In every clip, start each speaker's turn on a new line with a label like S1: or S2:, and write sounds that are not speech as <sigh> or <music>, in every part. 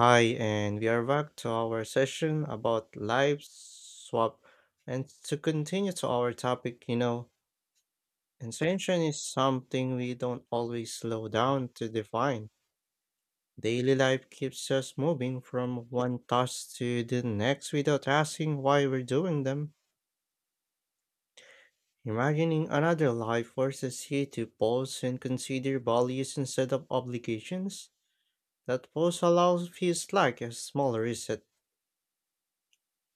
S1: Hi, and we are back to our session about life swap. And to continue to our topic, intention is something we don't always slow down to define. Daily life keeps us moving from one task to the next without asking why we're doing them. Imagining another life forces you to pause and consider values instead of obligations. That pause allows feels like a small reset.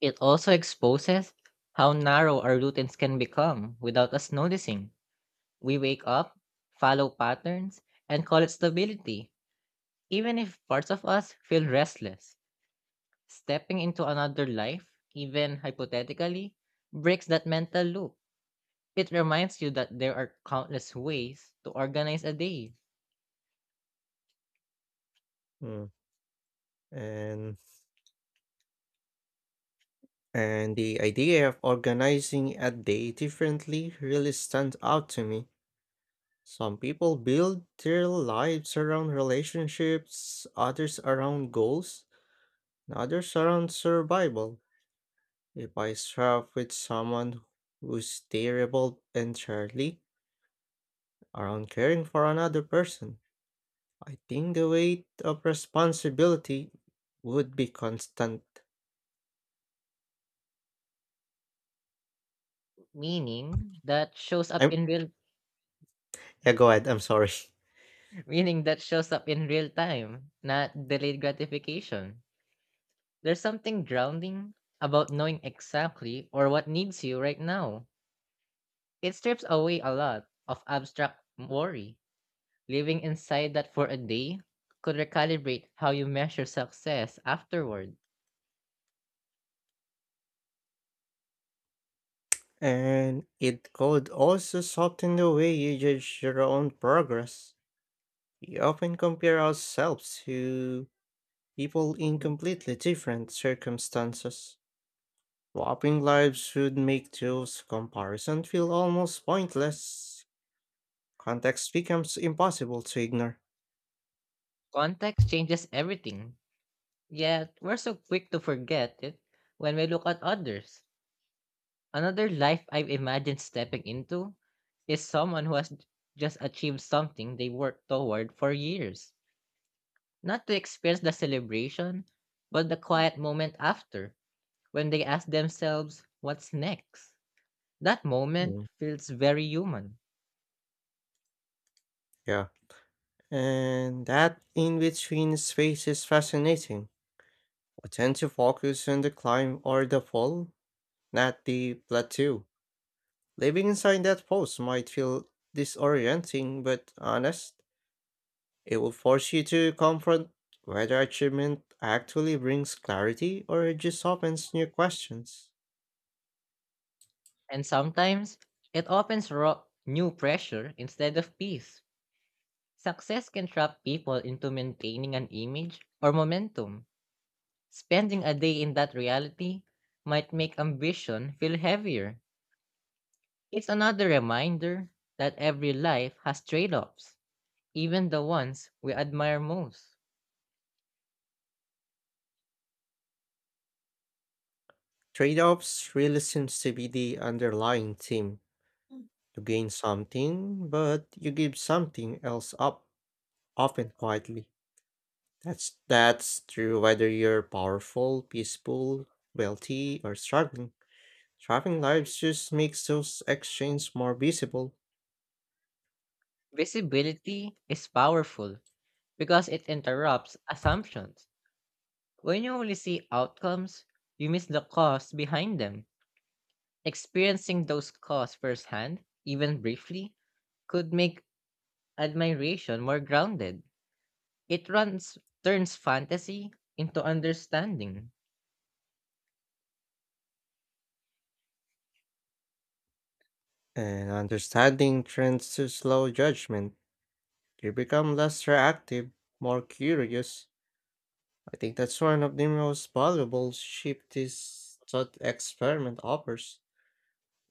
S2: It also exposes how narrow our routines can become without us noticing. We wake up, follow patterns, and call it stability, even if parts of us feel restless. Stepping into another life, even hypothetically, breaks that mental loop. It reminds you that there are countless ways to organize a day,
S1: Mm. And And the idea of organizing a day differently really stands out to me. Some people build their lives around relationships, others around goals, and others around survival. If I start with someone who's terrible entirely around caring for another person, I think the weight of responsibility would be constant.
S2: meaning that shows up
S1: I'm
S2: in real
S1: Yeah, go ahead, I'm sorry. <laughs>
S2: <laughs> meaning that shows up in real time, not delayed gratification. There's something grounding about knowing exactly or what needs you right now. It strips away a lot of abstract worry. Living inside that for a day could recalibrate how you measure success afterward.
S1: And it could also soften the way you judge your own progress. We often compare ourselves to people in completely different circumstances. Swapping lives would make those comparisons feel almost pointless. Context becomes impossible to ignore.
S2: Context changes everything. Yet, we're so quick to forget it when we look at others. Another life I've imagined stepping into is someone who has just achieved something they worked toward for years not to experience the celebration, but the quiet moment after, when they ask themselves, what's next? That moment
S1: Mm,
S2: feels very human.
S1: yeah. And that in between space is fascinating. We tend to focus on the climb or the fall, not the plateau. Living inside that post might feel disorienting, but honest, it will force you to confront whether achievement actually brings clarity or it just opens new questions.
S2: And sometimes it opens raw, new pressure instead of peace. Success can trap people into maintaining an image or momentum. Spending a day in that reality might make ambition feel heavier. It's another reminder that every life has trade offs, even the ones we admire most.
S1: Trade offs really seems to be the underlying theme. You gain something, but you give something else up, often quietly. That's true whether you're powerful, peaceful, wealthy, or struggling. Traveling lives just makes those exchanges more visible.
S2: Visibility is powerful because it interrupts assumptions. When you only see outcomes, you miss the cause behind them. Experiencing those causes firsthand, even briefly, could make admiration more grounded. It runs turns fantasy into understanding.
S1: And understanding trends to slow judgment. You become less reactive, more curious. I think that's one of the most valuable shift this thought experiment offers.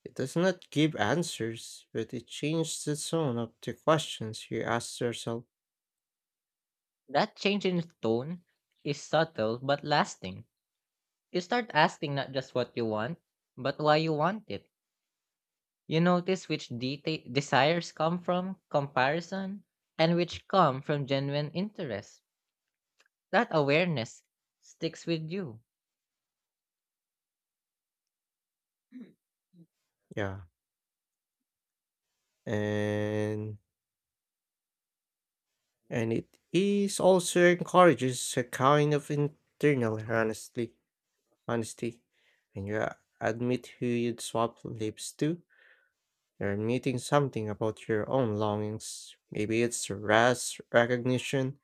S1: It does not give answers, but it changes the tone of the questions you ask yourself.
S2: That change in tone is subtle but lasting. You start asking not just what you want, but why you want it. You notice which desires come from comparison and which come from genuine interest. That awareness sticks with you,
S1: Yeah. And and it is also encourages a kind of internal honesty honesty. When you admit who you'd swap lips to, you're meeting something about your own longings. Maybe it's rest, recognition,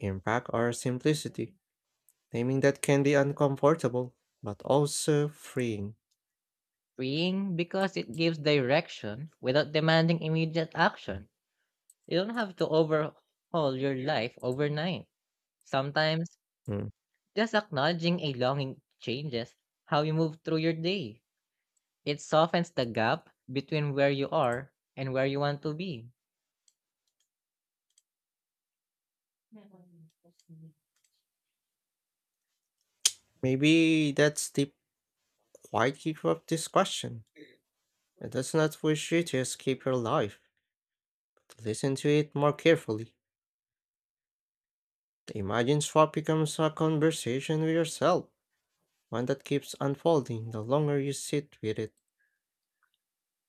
S1: impact, or simplicity. Naming that can be uncomfortable, but also freeing.
S2: freeing because it gives direction without demanding immediate action. You don't have to overhaul your life overnight. Sometimes
S1: Mm.
S2: just acknowledging a longing changes how you move through your day. It softens the gap between where you are and where you want to be.
S1: Maybe that's the quiet key of this question. It does not wish you to escape your life. To listen to it more carefully. The imagined swap becomes a conversation with yourself, one that keeps unfolding the longer you sit with it.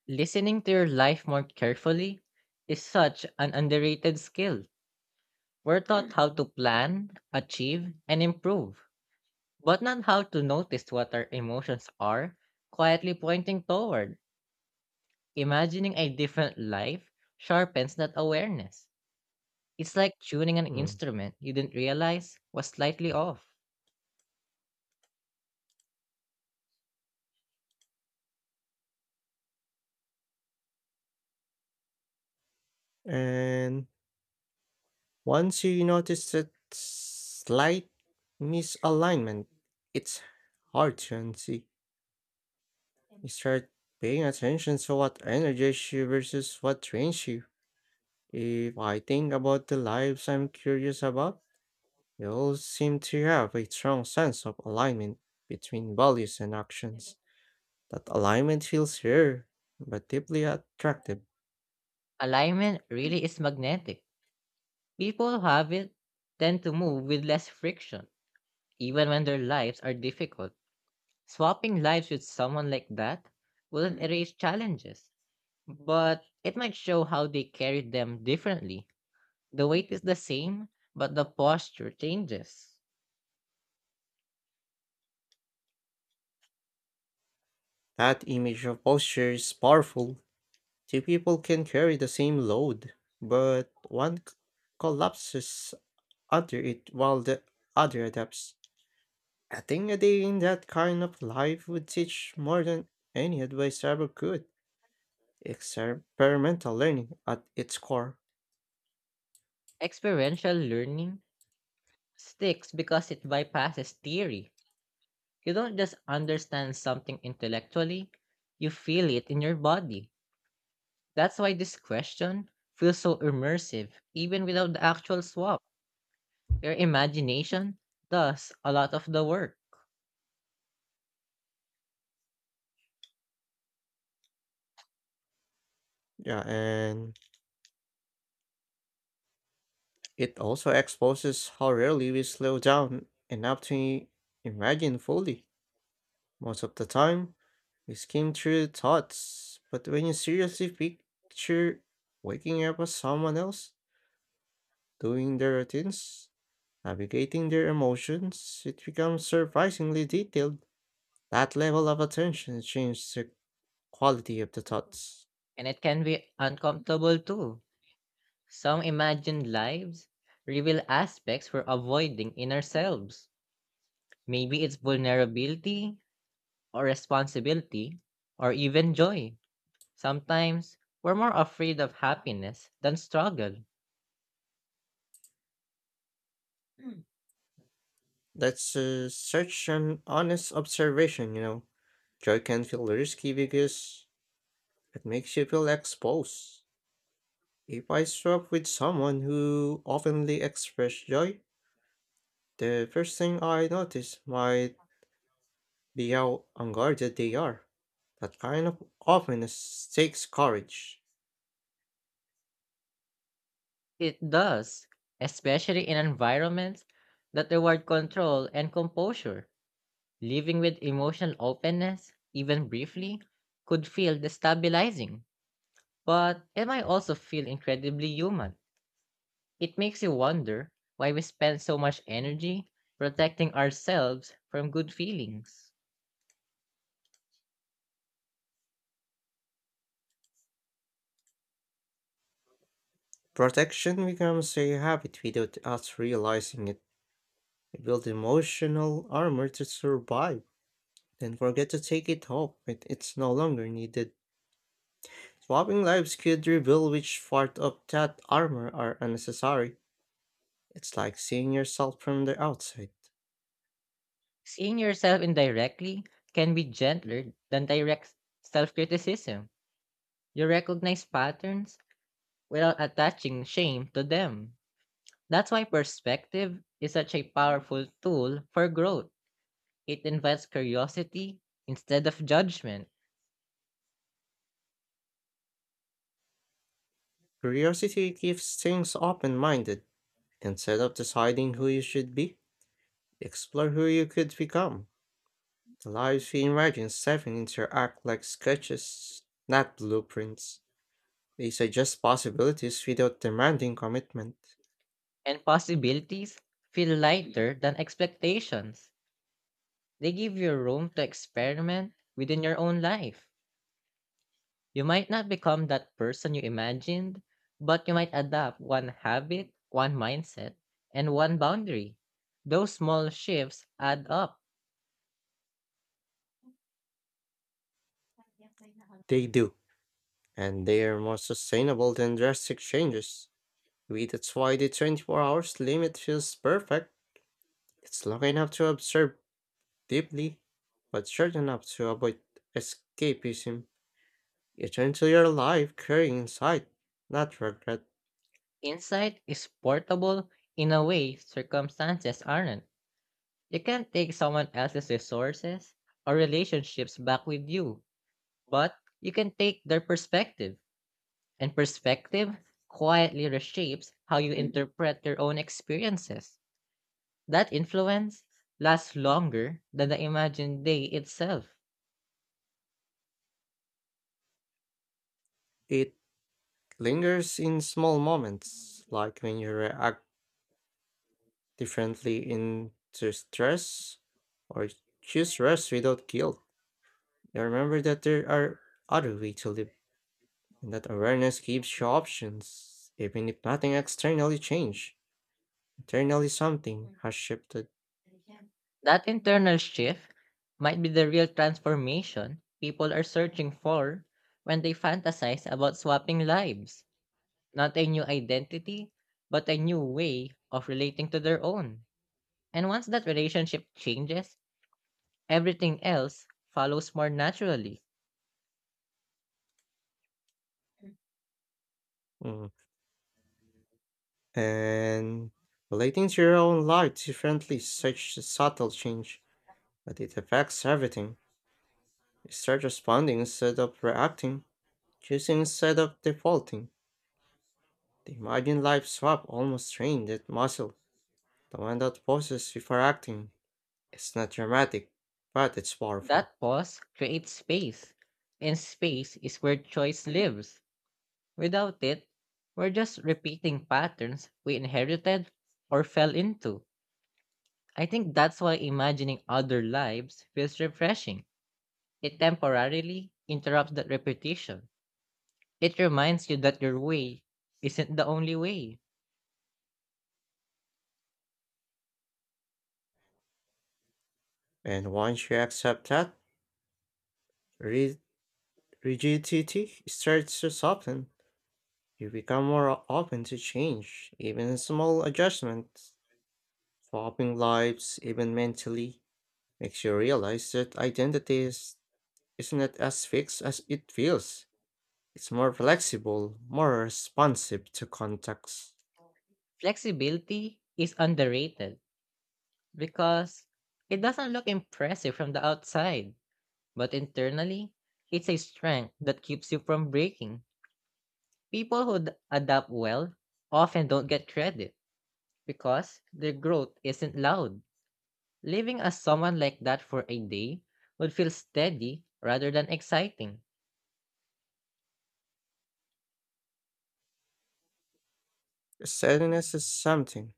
S2: Listening to your life more carefully is such an underrated skill. We're taught how to plan, achieve, and improve, but not how to notice what our emotions are quietly pointing toward. Imagining a different life sharpens that awareness. It's like tuning an
S1: Mm.
S2: instrument you didn't realize was slightly off.
S1: And once you notice that slight misalignment, it's hard to unsee. You start paying attention to what energizes you versus what drains you. If I think about the lives I'm curious about, they all seem to have a strong sense of alignment between values and actions. That alignment feels rare, but deeply attractive.
S2: Alignment really is magnetic. People who have it tend to move with less friction, even when their lives are difficult. Swapping lives with someone like that wouldn't erase challenges, but it might show how they carried them differently. The weight is the same, but the posture changes.
S1: That image of posture is powerful. Two people can carry the same load, but collapses under it while the other adapts. I think a day in that kind of life would teach more than any advice ever could. Experimental learning at its core.
S2: Experiential learning sticks because it bypasses theory. You don't just understand something intellectually, you feel it in your body. That's why this question feels so immersive, even without the actual swap. Your imagination does a lot of the work.
S1: Yeah, and it also exposes how rarely we slow down enough to imagine fully. Most of the time, we skim through thoughts, but when you seriously picture waking up as someone else, doing their routines, navigating their emotions, it becomes surprisingly detailed. That level of attention changes the quality of the thoughts.
S2: And it can be uncomfortable too. Some imagined lives reveal aspects we're avoiding in ourselves. Maybe it's vulnerability, or responsibility, or even joy. Sometimes we're more afraid of happiness than struggle.
S1: That's such an honest observation. Joy can feel risky because it makes you feel exposed. If I swap with someone who openly expresses joy, the first thing I notice might be how unguarded they are. That kind of openness takes courage.
S2: It does, especially in environments that reward control and composure. Living with emotional openness, even briefly, could feel destabilizing, but it might also feel incredibly human. It makes you wonder why we spend so much energy protecting ourselves from good feelings.
S1: Protection becomes a habit without us realizing it. We build emotional armor to survive, then forget to take it off when it's no longer needed. Swapping lives could reveal which part of that armor are unnecessary. It's like seeing yourself from the outside.
S2: Seeing yourself indirectly can be gentler than direct self criticism. You recognize patterns without attaching shame to them. That's why perspective is such a powerful tool for growth. It invites curiosity instead of judgment,
S1: Curiosity keeps things open minded instead of deciding who you should be. Explore who you could become. Allow you to imagine seven interact like sketches, not blueprints. They suggest possibilities without demanding commitment.
S2: and possibilities feel lighter than expectations. They give you room to experiment within your own life. You might not become that person you imagined, but you might adapt one habit, one mindset, and one boundary. Those small shifts add up.
S1: They do, and they are more sustainable than drastic changes. Maybe that's why the 24 hours limit feels perfect. It's long enough to observe deeply, but short enough to avoid escapism. You turn to your life carrying insight, not regret.
S2: Insight is portable in a way circumstances aren't. You can't take someone else's resources or relationships back with you, but you can take their perspective. And perspective quietly reshapes how you interpret your own experiences. That influence lasts longer than the imagined day itself.
S1: It lingers in small moments, like when you react differently into stress or choose rest without guilt. You remember that there are other ways to live, and that awareness gives you options, even if nothing externally changed. Internally, something has shifted.
S2: That internal shift might be the real transformation people are searching for when they fantasize about swapping lives. Not a new identity, but a new way of relating to their own. And once that relationship changes, everything else follows more naturally.
S1: Mm. And relating to your own life differently is such a subtle change, but it affects everything. You start responding instead of reacting, choosing instead of defaulting. The imagined light swap almost strained that muscle. The one that forces refracting. It's not dramatic, but it's powerful.
S2: That pause creates space, and space is where choice lives. Without it, we're just repeating patterns we inherited or fell into. I think that's why imagining other lives feels refreshing. It temporarily interrupts that repetition. It reminds you that your way isn't the only way.
S1: And once you accept that, ri- rigidity starts to soften. You become more open to change, even small adjustments. Swapping lives, even mentally, makes you realize that isn't as fixed as it feels. It's more flexible, more responsive to contacts.
S2: Flexibility is underrated because it doesn't look impressive from the outside, but internally, it's a strength that keeps you from breaking. People who adapt well often don't get credit because their growth isn't loud. Living as someone like that for a day would feel steady rather than exciting.
S1: Steadiness is something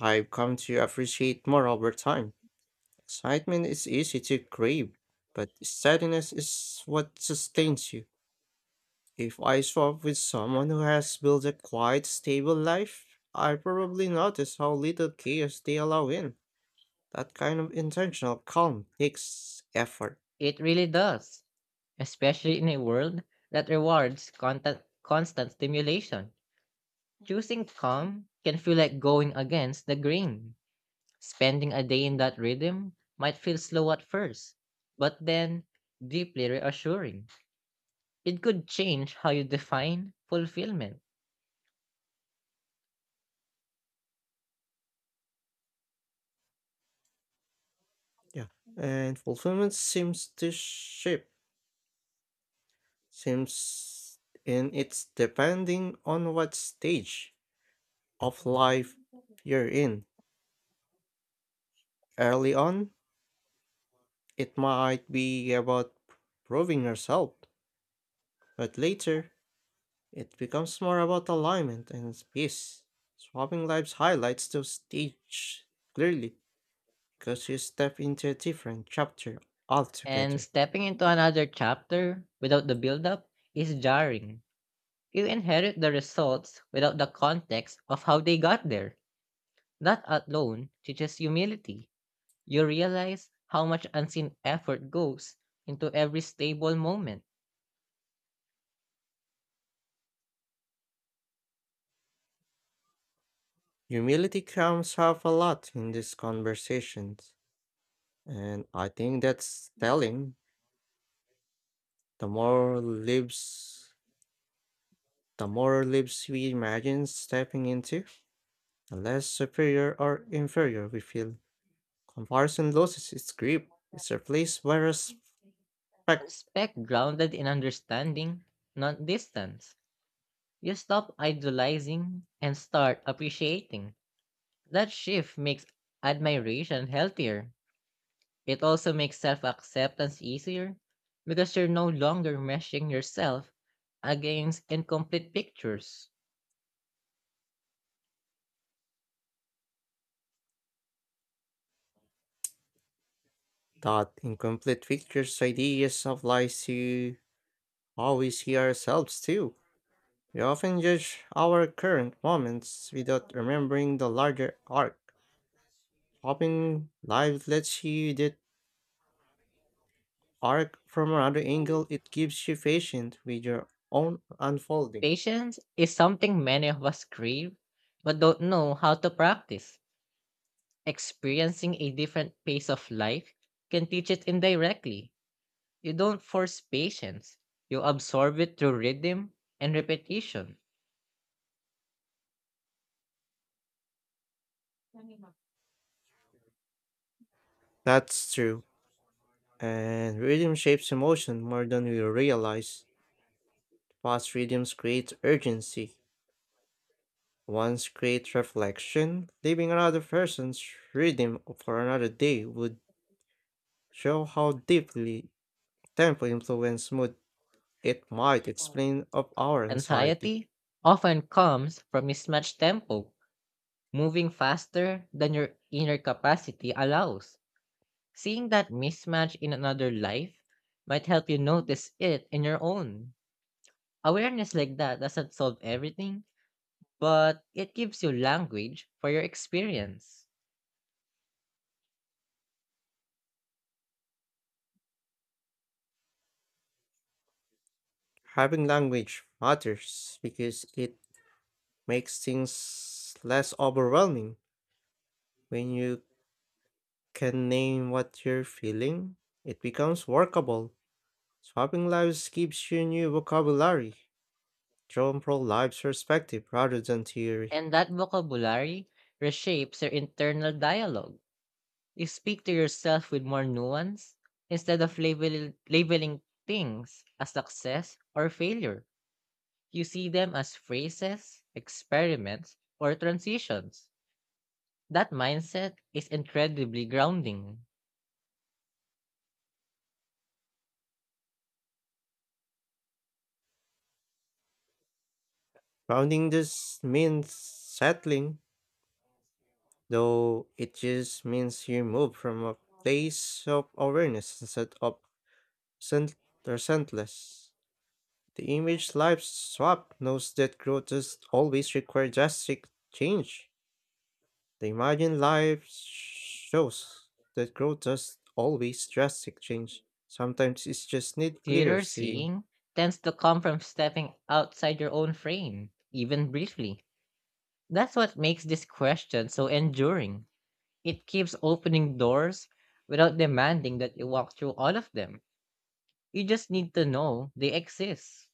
S1: I've come to appreciate more over time. Excitement is easy to crave, but steadiness is what sustains you. If I swap with someone who has built a quiet, stable life, I probably notice how little chaos they allow in. That kind of intentional calm takes effort.
S2: It really does, especially in a world that rewards constant stimulation. Choosing calm can feel like going against the grain. Spending a day in that rhythm might feel slow at first, but then deeply reassuring. It could change how you define fulfillment.
S1: Yeah. And fulfillment seems in it's depending on what stage of life you're in. Early on, it might be about proving yourself, but later it becomes more about alignment and peace. Swapping lives highlights those stages clearly because you step into a different chapter
S2: And
S1: altogether.
S2: stepping into another chapter without the buildup is jarring. You inherit the results without the context of how they got there. That alone teaches humility. You realize how much unseen effort goes into every stable moment.
S1: Humility comes up a lot in these conversations, and I think that's telling. The more lives, the more lives we imagine stepping into, the less superior or inferior we feel. Comparison loses its grip, it's replaced by respect.
S2: Respect grounded in understanding, not distance. You stop idolizing and start appreciating. That shift makes admiration healthier. It also makes self acceptance easier because you're no longer meshing yourself against incomplete pictures.
S1: That incomplete pictures, ideas apply to how we see ourselves too. We often judge our current moments without remembering the larger arc. Hopping live lets you that arc from another angle, it keeps you patient with your own unfolding.
S2: Patience is something many of us crave but don't know how to practice. Experiencing a different pace of life can teach it indirectly. You don't force patience, you absorb it through rhythm and repetition.
S1: That's true. And rhythm shapes emotion more than we realize. Fast rhythms create urgency, one's great reflection, leaving another person's rhythm for another day, would show how deeply tempo influence mood. It might explain of our anxiety.
S2: Anxiety often comes from mismatched tempo. Moving faster than your inner capacity allows. Seeing that mismatch in another life might help you notice it in your own. Awareness like that doesn't solve everything, but it gives you language for your experience.
S1: Having language matters because it makes things less overwhelming. When you can name what you're feeling, it becomes workable. Swapping lives gives you new vocabulary, drawn from life's perspective rather than theory.
S2: And that vocabulary reshapes your internal dialogue. You speak to yourself with more nuance instead of labeling things as success or failure. You see them as phrases, experiments, or transitions. That mindset is incredibly grounding.
S1: Grounding just means settling, though it just means you move from a place of awareness instead of resent- resentless. The image life swap knows that growth does always require drastic change. The imagined life shows that growth does always drastic change. Sometimes it's just need clear
S2: Clearer
S1: seeing.
S2: seeing tends to come from stepping outside your own frame, even briefly. That's what makes this question so enduring. It keeps opening doors without demanding that you walk through all of them. You just need to know they exist.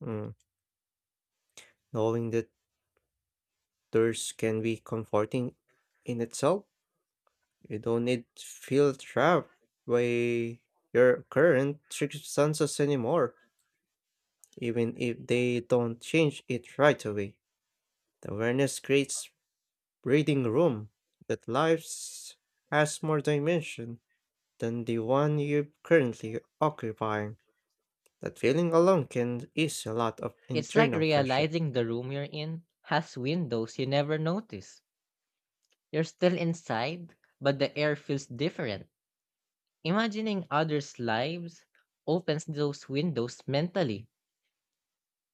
S1: Mm, knowing that thirst can be comforting in itself. You don't need to feel trapped by your current circumstances anymore, even if they don't change it right away. The awareness creates breathing room that life has more dimension than the one you're currently occupying. That feeling alone can ease a lot of
S2: It's like
S1: internal pressure.
S2: realizing the room you're in has windows you never noticed. You're still inside, but the air feels different. Imagining others' lives opens those windows mentally.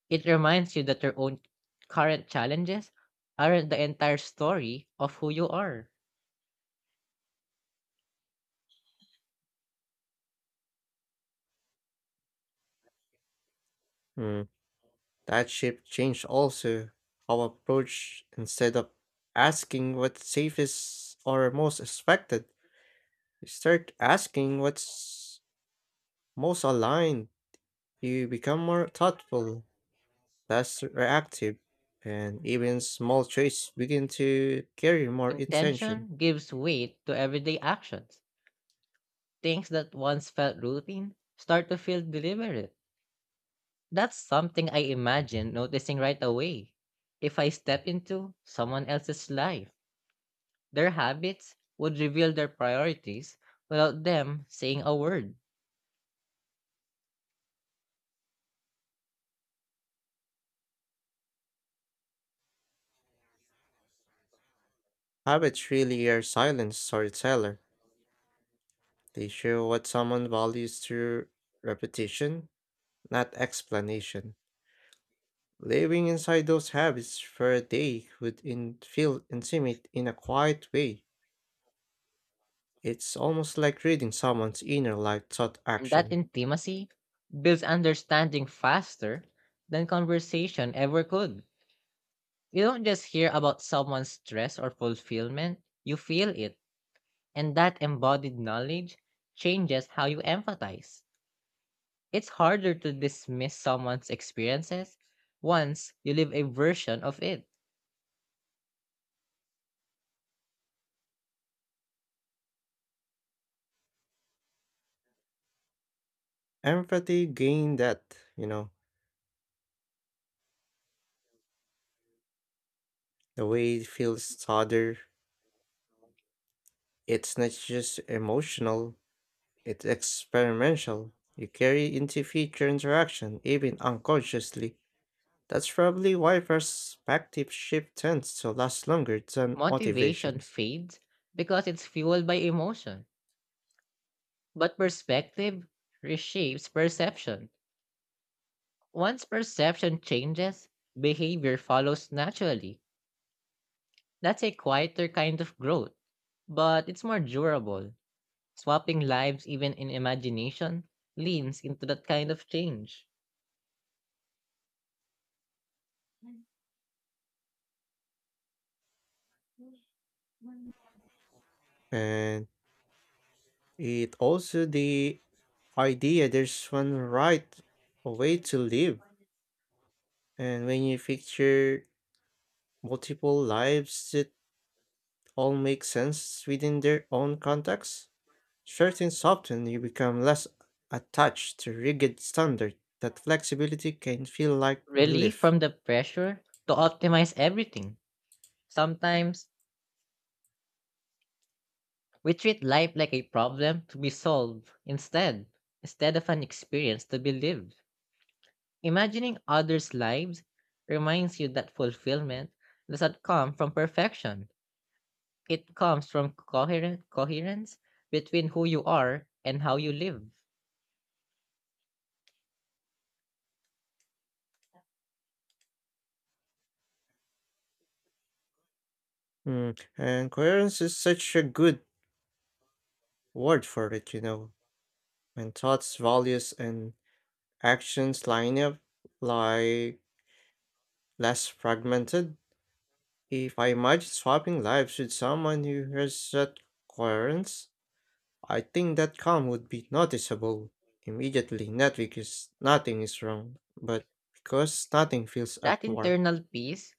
S2: It reminds you that your own current challenges aren't the entire story of who you are.
S1: Mm, that shift changed also how I approach instead of asking what's safest or most expected. You start asking what's most aligned. You become more thoughtful, less reactive, and even small traits begin to carry more intention.
S2: Intention gives weight to everyday actions. Things that once felt routine start to feel deliberate. That's something I imagine noticing right away if I step into someone else's life. Their habits would reveal their priorities without them saying a word.
S1: Habits really are silent storyteller. They show what someone values through repetition, not explanation. Living inside those habits for a day would feel intimate in a quiet way. It's almost like reading someone's inner life thought
S2: And that
S1: action.
S2: intimacy builds understanding faster than conversation ever could. You don't just hear about someone's stress or fulfillment, you feel it. And that embodied knowledge changes how you empathize. It's harder to dismiss someone's experiences once you live a version of it.
S1: Empathy gained that, you know, the way it feels harder. It's not just emotional, it's experimental. You carry into future interaction, even unconsciously. That's probably why perspective shift tends to last longer than
S2: Motivation
S1: motivations.
S2: fades because it's fueled by emotion. But perspective reshapes perception. Once perception changes, behavior follows naturally. That's a quieter kind of growth, but it's more durable. Swapping lives, even in imagination, leans into that kind of change.
S1: And it also the idea there's one right way to live. And when you picture multiple lives, it all make sense within their own context, certain often you become less attached to rigid standard that flexibility can feel like
S2: Relief
S1: relief.
S2: from the pressure to optimize everything. Sometimes we treat life like a problem to be solved instead of an experience to be lived. Imagining others' lives reminds you that fulfillment doesn't come from perfection. It comes from coherent coherence between who you are and how you live.
S1: Mm. And coherence is such a good word for it. When thoughts, values, and actions line up, like less fragmented. If I imagine swapping lives with someone who has that coherence, I think that calm would be noticeable immediately, not because nothing is wrong, but because nothing feels
S2: That
S1: at war.
S2: internal peace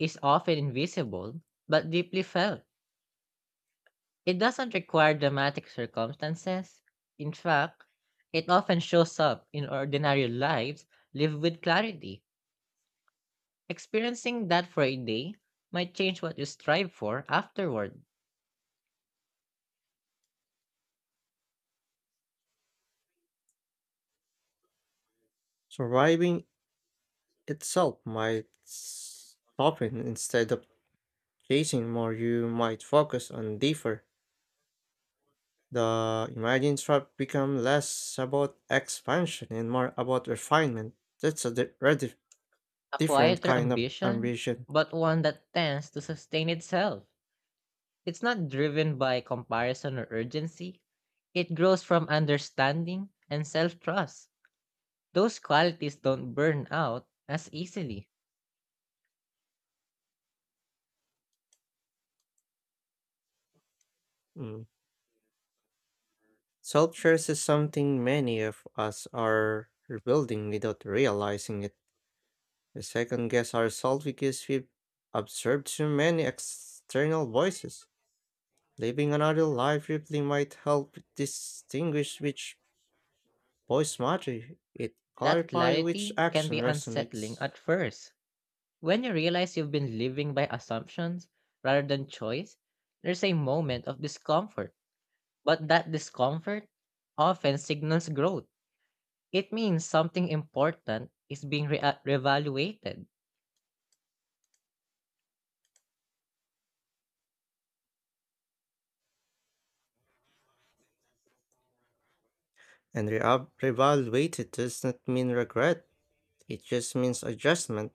S2: is often invisible but deeply felt. It doesn't require dramatic circumstances. In fact, it often shows up in ordinary lives lived with clarity. Experiencing that for a day might change what you strive for afterward.
S1: Surviving itself might soften instead of chasing more, you might focus on deeper. The imagine trap become less about expansion and more about refinement. That's a
S2: A
S1: different
S2: quieter
S1: kind of
S2: ambition,
S1: ambition.
S2: but one that tends to sustain itself. It's not driven by comparison or urgency. It grows from understanding and self trust. Those qualities don't burn out as easily.
S1: Mm. Self-trust is something many of us are rebuilding without realizing it. We second guess ourselves because we've observed too many external voices. Living another life briefly might help distinguish which voice matters. It
S2: That
S1: clarifies which
S2: clarity can
S1: action
S2: be unsettling
S1: resonates.
S2: at first. When you realize you've been living by assumptions rather than choice, there's a moment of discomfort. But that discomfort often signals growth. It means something important is being reevaluated,
S1: And reevaluated does not mean regret. It just means adjustment.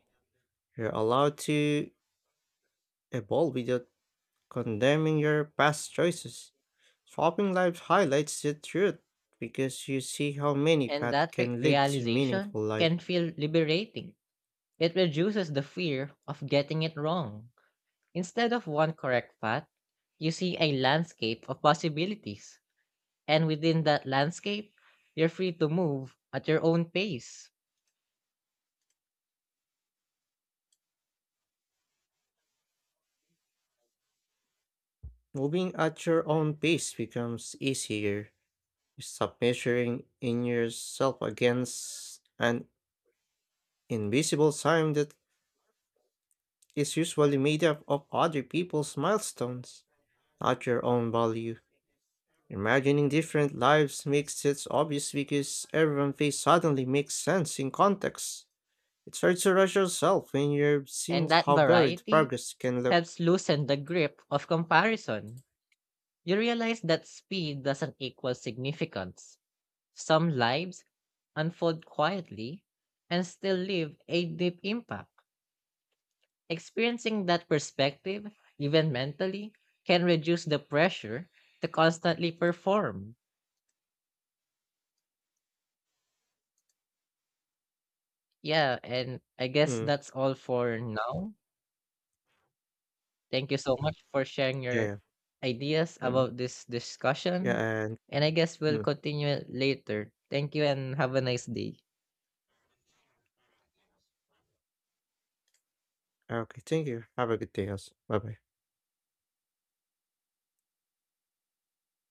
S1: You're allowed to evolve without condemning your past choices. Swapping life highlights the truth because you see how many
S2: and
S1: paths
S2: that
S1: can lead to
S2: realization
S1: meaningful life.
S2: can feel liberating. It reduces the fear of getting it wrong. Instead of one correct path, you see a landscape of possibilities, and within that landscape, you're free to move at your own pace.
S1: Moving at your own pace becomes easier. You stop measuring in yourself against an invisible time that is usually made up of other people's milestones, not your own value. Imagining different lives makes it obvious because everyone's face suddenly makes sense in context. It's hard to rush yourself when you've seen
S2: And that
S1: how varied
S2: variety
S1: progress can look.
S2: helps loosen the grip of comparison. You realize that speed doesn't equal significance. Some lives unfold quietly, and still leave a deep impact. Experiencing that perspective, even mentally, can reduce the pressure to constantly perform. Yeah, and I guess
S1: Mm,
S2: that's all for now. Thank you so much for sharing
S1: yeah,
S2: your
S1: yeah.
S2: ideas
S1: Mm,
S2: about this
S1: yeah,
S2: discussion.
S1: and
S2: And I guess we'll
S1: mm,
S2: continue it later. Thank you and have a nice day.
S1: okay, thank you. Have a good day, also. Bye bye.